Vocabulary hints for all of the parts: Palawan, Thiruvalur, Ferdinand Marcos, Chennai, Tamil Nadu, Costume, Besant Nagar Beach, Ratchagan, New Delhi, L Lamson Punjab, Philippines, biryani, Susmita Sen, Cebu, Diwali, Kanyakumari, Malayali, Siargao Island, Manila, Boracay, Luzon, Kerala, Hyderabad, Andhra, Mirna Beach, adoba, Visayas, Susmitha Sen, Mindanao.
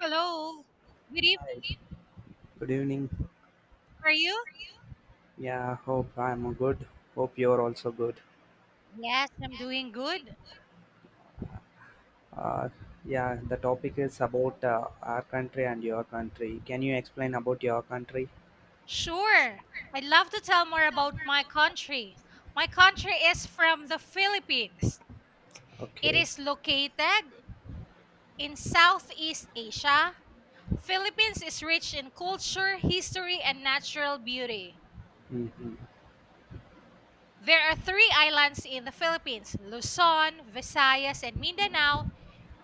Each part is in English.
Hello. Good evening. Hi, good evening. How are you? Yeah, hope I'm good. Hope you're also good. Yes, I'm doing good. Uh, yeah, the topic is about our country and your country. Can you explain about your country? Sure. I'd love to tell more about my country. My country is from the Philippines. It Okay. is located in Southeast Asia. Philippines is rich in culture, history, and natural beauty. Mm-hmm. There are three islands in the Philippines, Luzon, Visayas, and Mindanao,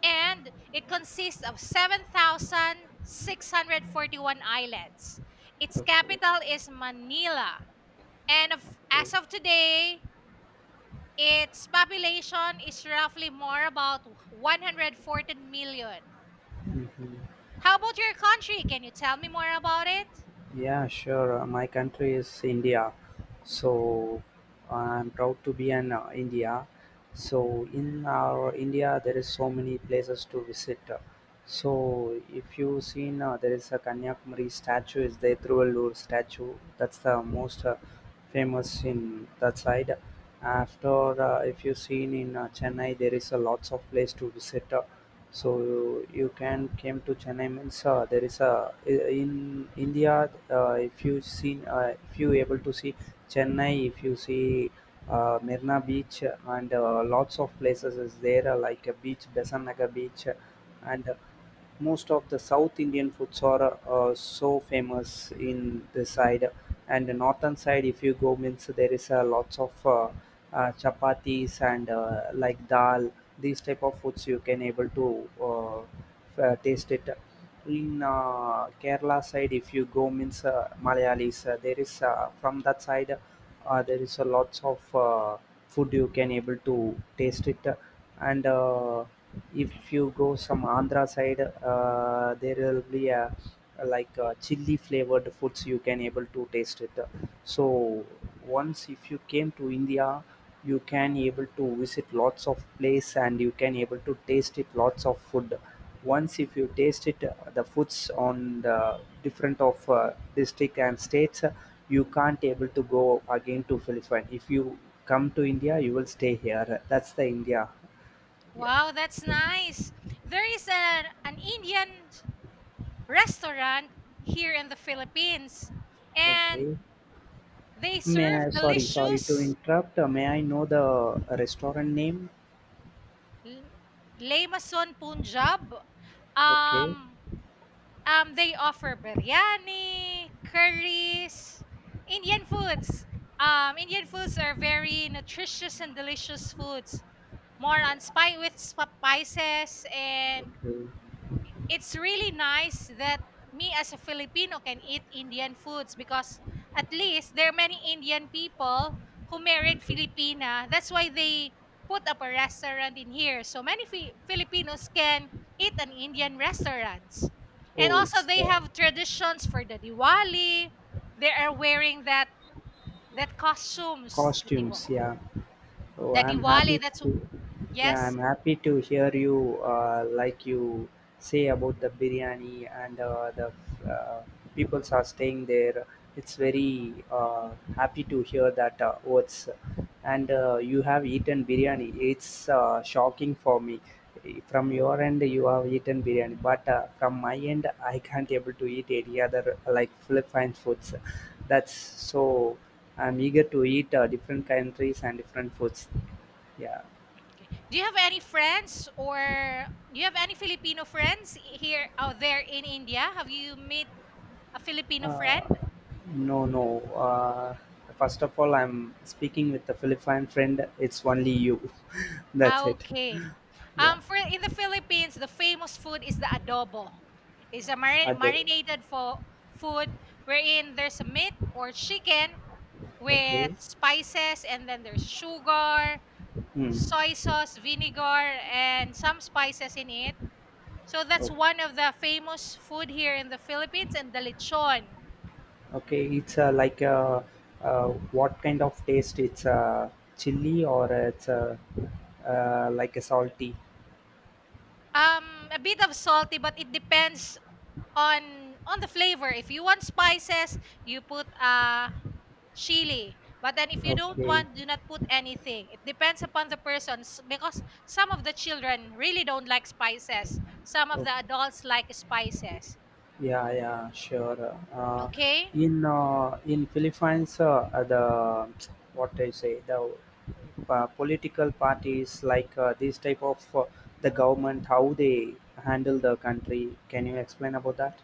and it consists of 7,641 islands. Its Okay. capital is Manila. And of, as of today, its population is roughly more about 114 million. Mm-hmm. How about your country? Can you tell me more about it? Yeah, sure. My country is India, so I'm proud to be in India. So in our India, there is so many places to visit. So if you seen, there is a Kanyakumari statue. Is the Thiruvalur statue? That's the most famous in that side. After, if you seen in Chennai, there is a lots of place to visit so you can came to chennai means there is a in india if you seen if you able to see chennai if you see Mirna Beach and lots of places is there like a beach, Besant Nagar Beach, and most of the South Indian foods are so famous in this side and the northern side. If you go, means there is lots of chapatis and like dal. These type of foods you can able to taste it. In Kerala side, if you go, means Malayalis, there is from that side there is a lots of food you can able to taste it and if you go some andhra side there will be a like chili flavored foods you can able to taste it so once if you came to india you can able to visit lots of place and you can able to taste it lots of food once if you taste it, the foods on the different of district and states, you can't able to go again to Philippines. If you come to India, you will stay here. That's the India. Yeah. Wow, that's nice. There is an Indian restaurant here in the Philippines, and Okay. they May I, serve sorry, sorry to delicious interrupt. May I know the restaurant name? L Lamson Punjab. Okay. um, they offer biryani, curries, Indian foods. Indian foods are very nutritious and delicious foods, more on Yeah. spi with spices, and Okay. it's really nice that me as a Filipino can eat Indian foods because at least there are many Indian people who married Okay. Filipina. That's why they put up a restaurant in here. So many Filipinos can eat an Indian restaurant. And Oh, also it's they the have traditions for the Diwali. They are wearing that costumes, the, Diwa- costumes, yeah. Oh, the I'm Diwali. happy That's, to, yeah, yes. I'm happy to hear you, like you say about the biryani and the uh, peoples are staying there. It's very happy to hear that words. And you have eaten biryani. It's shocking for me. From your end, you have eaten biryani, but from my end, I can't able to eat any other like Philippine foods. That's so. I'm eager to eat different countries and different foods. Yeah. Okay. Do you have any friends, or do you have any Filipino friends here out there in India? Have you met a Filipino Uh, friend? no, no. First of all, I'm speaking with a Philippine friend. It's only you. That's it. Okay. Yeah. For in the Philippines, the famous food is the adobo. It's a I do. marinated fo food wherein there's a meat or chicken with Okay. spices, and then there's sugar, Hmm. soy sauce, vinegar, and some spices in it. So that's Oh, one of the famous food here in the Philippines, and the lechon. okay. It's like uh, what kind of taste? It's chili or it's like a salty. A bit of salty, but it depends on the flavor. If you want spices, you put chili. But then if you don't Okay. want, do not put anything. It depends upon the person, because some of the children really don't like spices. Some of the Okay. adults like spices. Yeah, yeah, sure. Uh, Okay? in uh, in Philippines, the what I say the political parties like this type of the government how they handle the country. Can you explain about that?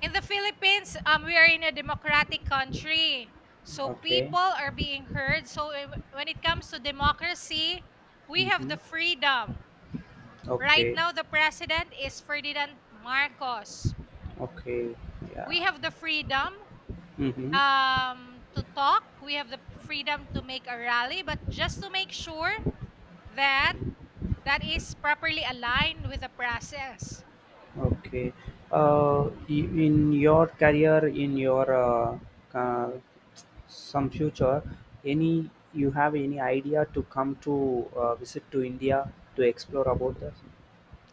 In the Philippines, we are in a democratic country. So Okay. people are being heard. So when it comes to democracy, we have Mm-hmm. the freedom. Right Okay. now, the president is Ferdinand Marcos. Okay. We Yeah. have the freedom Mm-hmm. To talk. We have the freedom to make a rally, but just to make sure that that is properly aligned with the process. Okay. In your career, in your uh, some future any you have any idea to come to visit to india to explore about this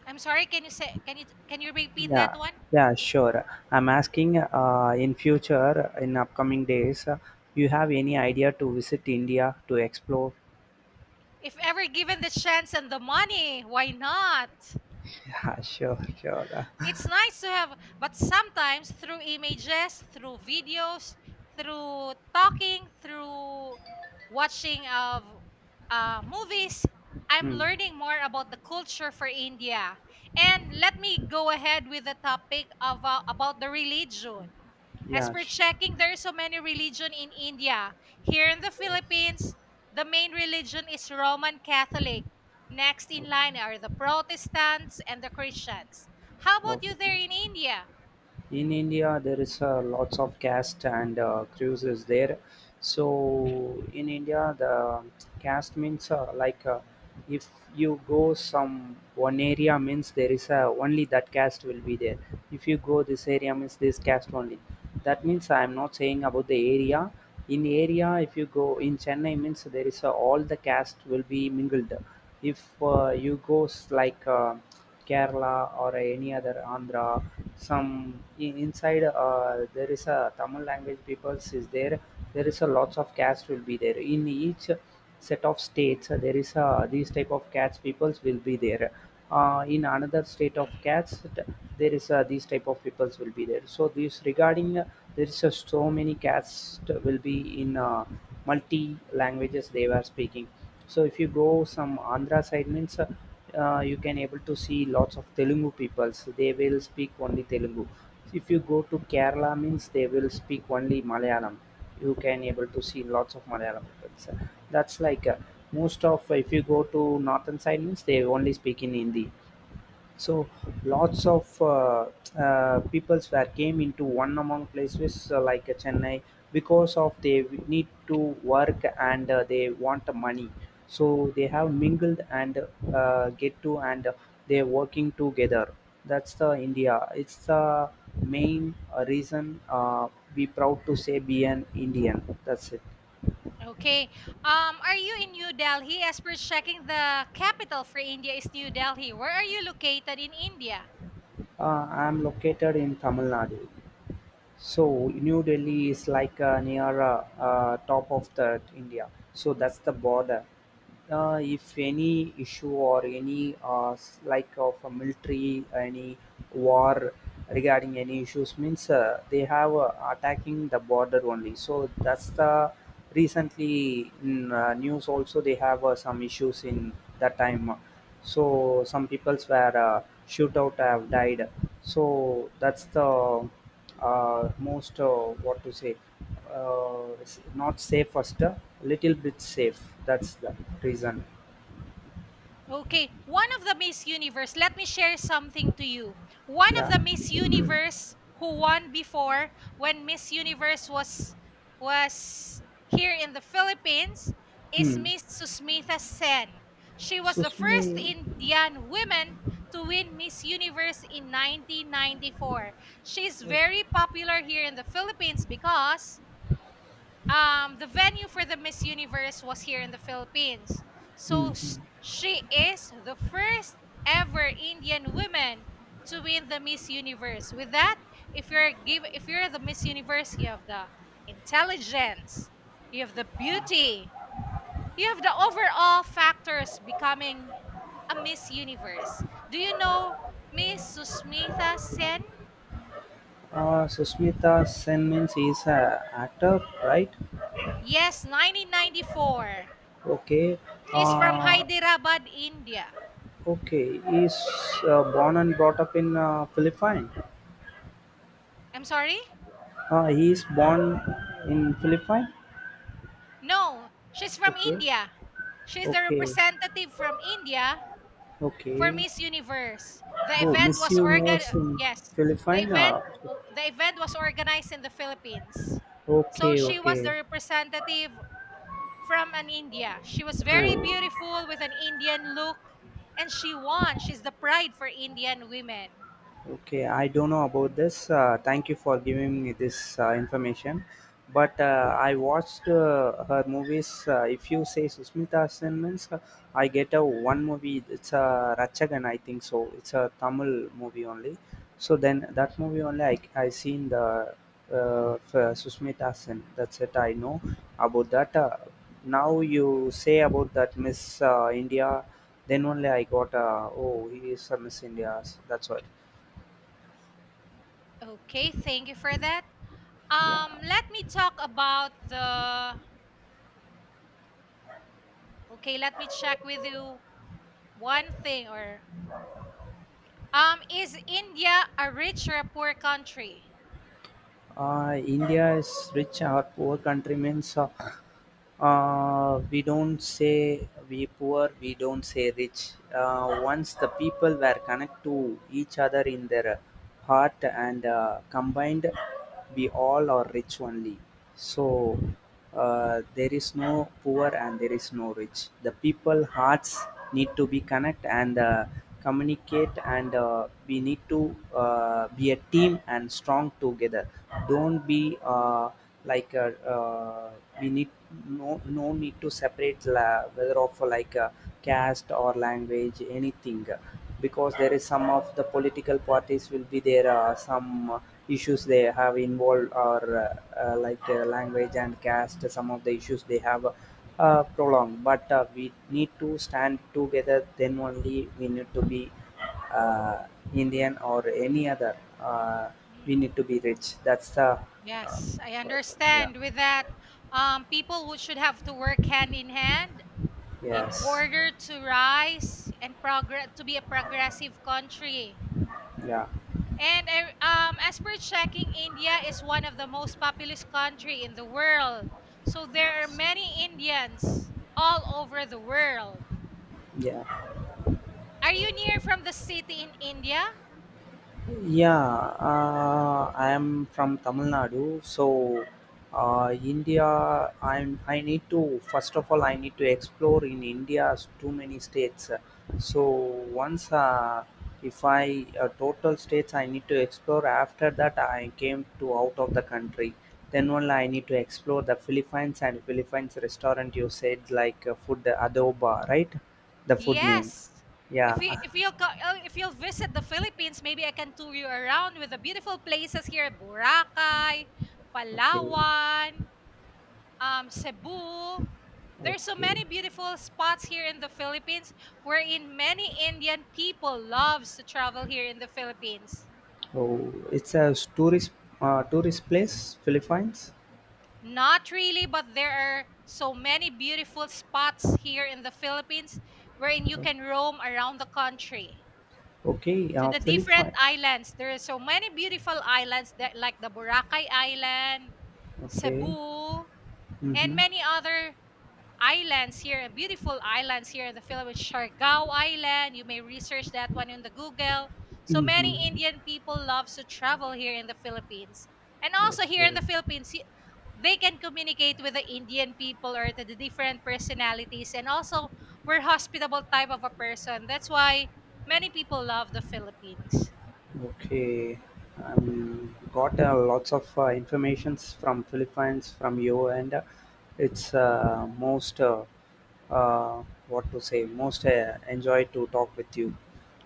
I'm sorry. Can you say? Can you repeat that yeah one? yeah sure I'm asking in future in upcoming days you have any idea to visit india to explore If ever given the chance and the money, why not? yeah sure sure. It's nice to have, but sometimes through images, through videos, through talking, through watching of movies, I'm Hmm. learning more about the culture for India. And let me go ahead with the topic of about the religion. As Yeah, per sure. checking, there are so many religion in India. Here in the Philippines, the main religion is Roman Catholic. Next in line are the Protestants and the Christians. How about you Okay, there in India? in India, there is lots of caste and cruises there. So in India, the caste means like if you go some one area means there is a, only that caste will be there. If you go this area means this caste only. That means I am not saying about the area. In area, if you go in Chennai means there is all the caste will be mingled. If you go like Kerala or any other Andhra. Some in, inside there is a Tamil language peoples is there. There is a lots of caste will be there in each set of states. There is a these type of caste peoples will be there. In another state of caste, there is a, these type of peoples will be there. So this regarding there is a, so many caste will be in multi languages they were speaking so if you go some Andhra side means you can able to see lots of Telugu people. So they will speak only Telugu. If you go to Kerala means they will speak only Malayalam. You can able to see lots of Malayalam people. So that's like most of if you go to northern side means they only speak in Hindi. So lots of peoples were came into one among places like Chennai because of they need to work and they want the money. So they have mingled and get to and they're working together. That's the India. It's the main reason be proud to say be an Indian. That's it. Okay. Are you in New Delhi? As per checking, the capital for India is New Delhi. Where are you located in India? I'm located in Tamil Nadu. So New Delhi is like near top of the India. So that's the border. If any issue or any like of a military any war regarding any issues means they have attacking the border only. So that's the recently in news also they have some issues in that time so some people's were shootout have died so that's the most what to say not safe first little bit safe that's the reason. Okay, one of the Miss Universe, let me share something to you. One of Yeah. the Miss Universe who won before, when Miss Universe was here in the Philippines, is Hmm. Miss Susmitha Sen. She was the Susmi, first Indian woman to win Miss Universe in 1994. She's very popular here in the Philippines because the venue for the Miss Universe was here in the Philippines. So hmm hmm. She is the first ever Indian woman to win the Miss Universe. With that, if you're the Miss Universe, you have the intelligence, you have the beauty, you have the overall factors becoming a Miss Universe. Do you know Miss Susmita Sen? Susmita Sen means he's a actor, right? Yes, 1994. Okay. She's from Uh, Hyderabad, India. Okay, he's born and brought up in Philippines. I'm sorry? He is born in Philippines. No, she's from Okay, India. She's the okay, representative from India for okay. Miss Universe. The Oh, event Miss was organ Universe in yes, the Philippines. event the event was organized in the Philippines. So Okay, she was okay. the representative from an India. She was very Oh, beautiful with an Indian look, and she won. She's the pride for Indian women. okay, I don't know about this. Thank you for giving me this information. But I watched her movies. If you say Susmita Sen means, I get a one movie. It's a Ratchagan, I think so. It's a Tamil movie only. So then that movie only I seen the for Susmita Sen. That's it. I know about that. Now you say about that Miss India. Then only I got oh he is a Miss India. That's what. Okay, thank you for that. Yeah, Let me talk about the— Okay, let me check with you one thing, or— Is India a rich or a poor country? India is rich. Our poor countrymen saw we don't say we poor we don't say rich once the people were connected to each other in their heart and combined we all are rich only so there is no poor and there is no rich the people hearts need to be connect and communicate and we need to be a team and strong together don't be like we need no no need to separate whether of like caste or language anything because there is some of the political parties will be there some issues they have involved or like language and caste some of the issues they have prolonged but we need to stand together then only we need to be uh, indian or any other Mm, we need to be rich that's the uh, yes, I person. Yeah. understand. With that, people should have to work hand in hand in Yes, order to rise and progress to be a progressive country. yeah, And I, as per checking, India is one of the most populous country in the world. So there are many Indians all over the world. yeah, Are you near from the city in India? yeah. I am from tamil nadu so india I need to first of all I need to explore in india's too many states so once if I total states I need to explore after that I came to out of the country then only I need to explore the philippines and philippines restaurant you said like food adoba right the food name. Yes. If Yeah. you if you'll co- if you'll visit the Philippines, maybe I can tour you around with the beautiful places here: Boracay, Okay. Palawan, Cebu. There's so Okay. many beautiful spots here in the Philippines, wherein many Indian people loves to travel here in the Philippines. Oh, it's a tourist tourist place, Philippines. Not really, but there are so many beautiful spots here in the Philippines, wherein you can roam around the country Okay. to the different Philippines. islands. There are so many beautiful islands that like the Boracay Island, Okay. Cebu, and Mhm. many other islands here, beautiful islands here in the Philippines, Siargao Island. You may research that one in the Google. So many Mhm. Indian people love to travel here in the Philippines. And also here in Okay. the Philippines, they can communicate with the Indian people or to the different personalities. And also, we're hospitable type of a person. That's why many people love the Philippines. Okay. Got lots of informations from Philippines from you, and it's most what to say most enjoy to talk with you.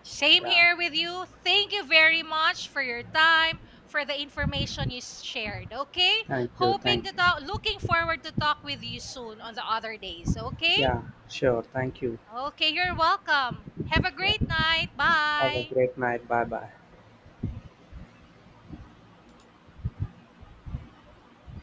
Same Yeah. here with you. Thank you very much for your time, for the information you shared. Okay? Thank you. Hoping Thank to you. talk, looking forward to talk with you soon on the other days. Okay? Yeah. Sure. Thank you. Okay, you're welcome. Have a Yeah. great night. Have a Bye. great night. Bye bye.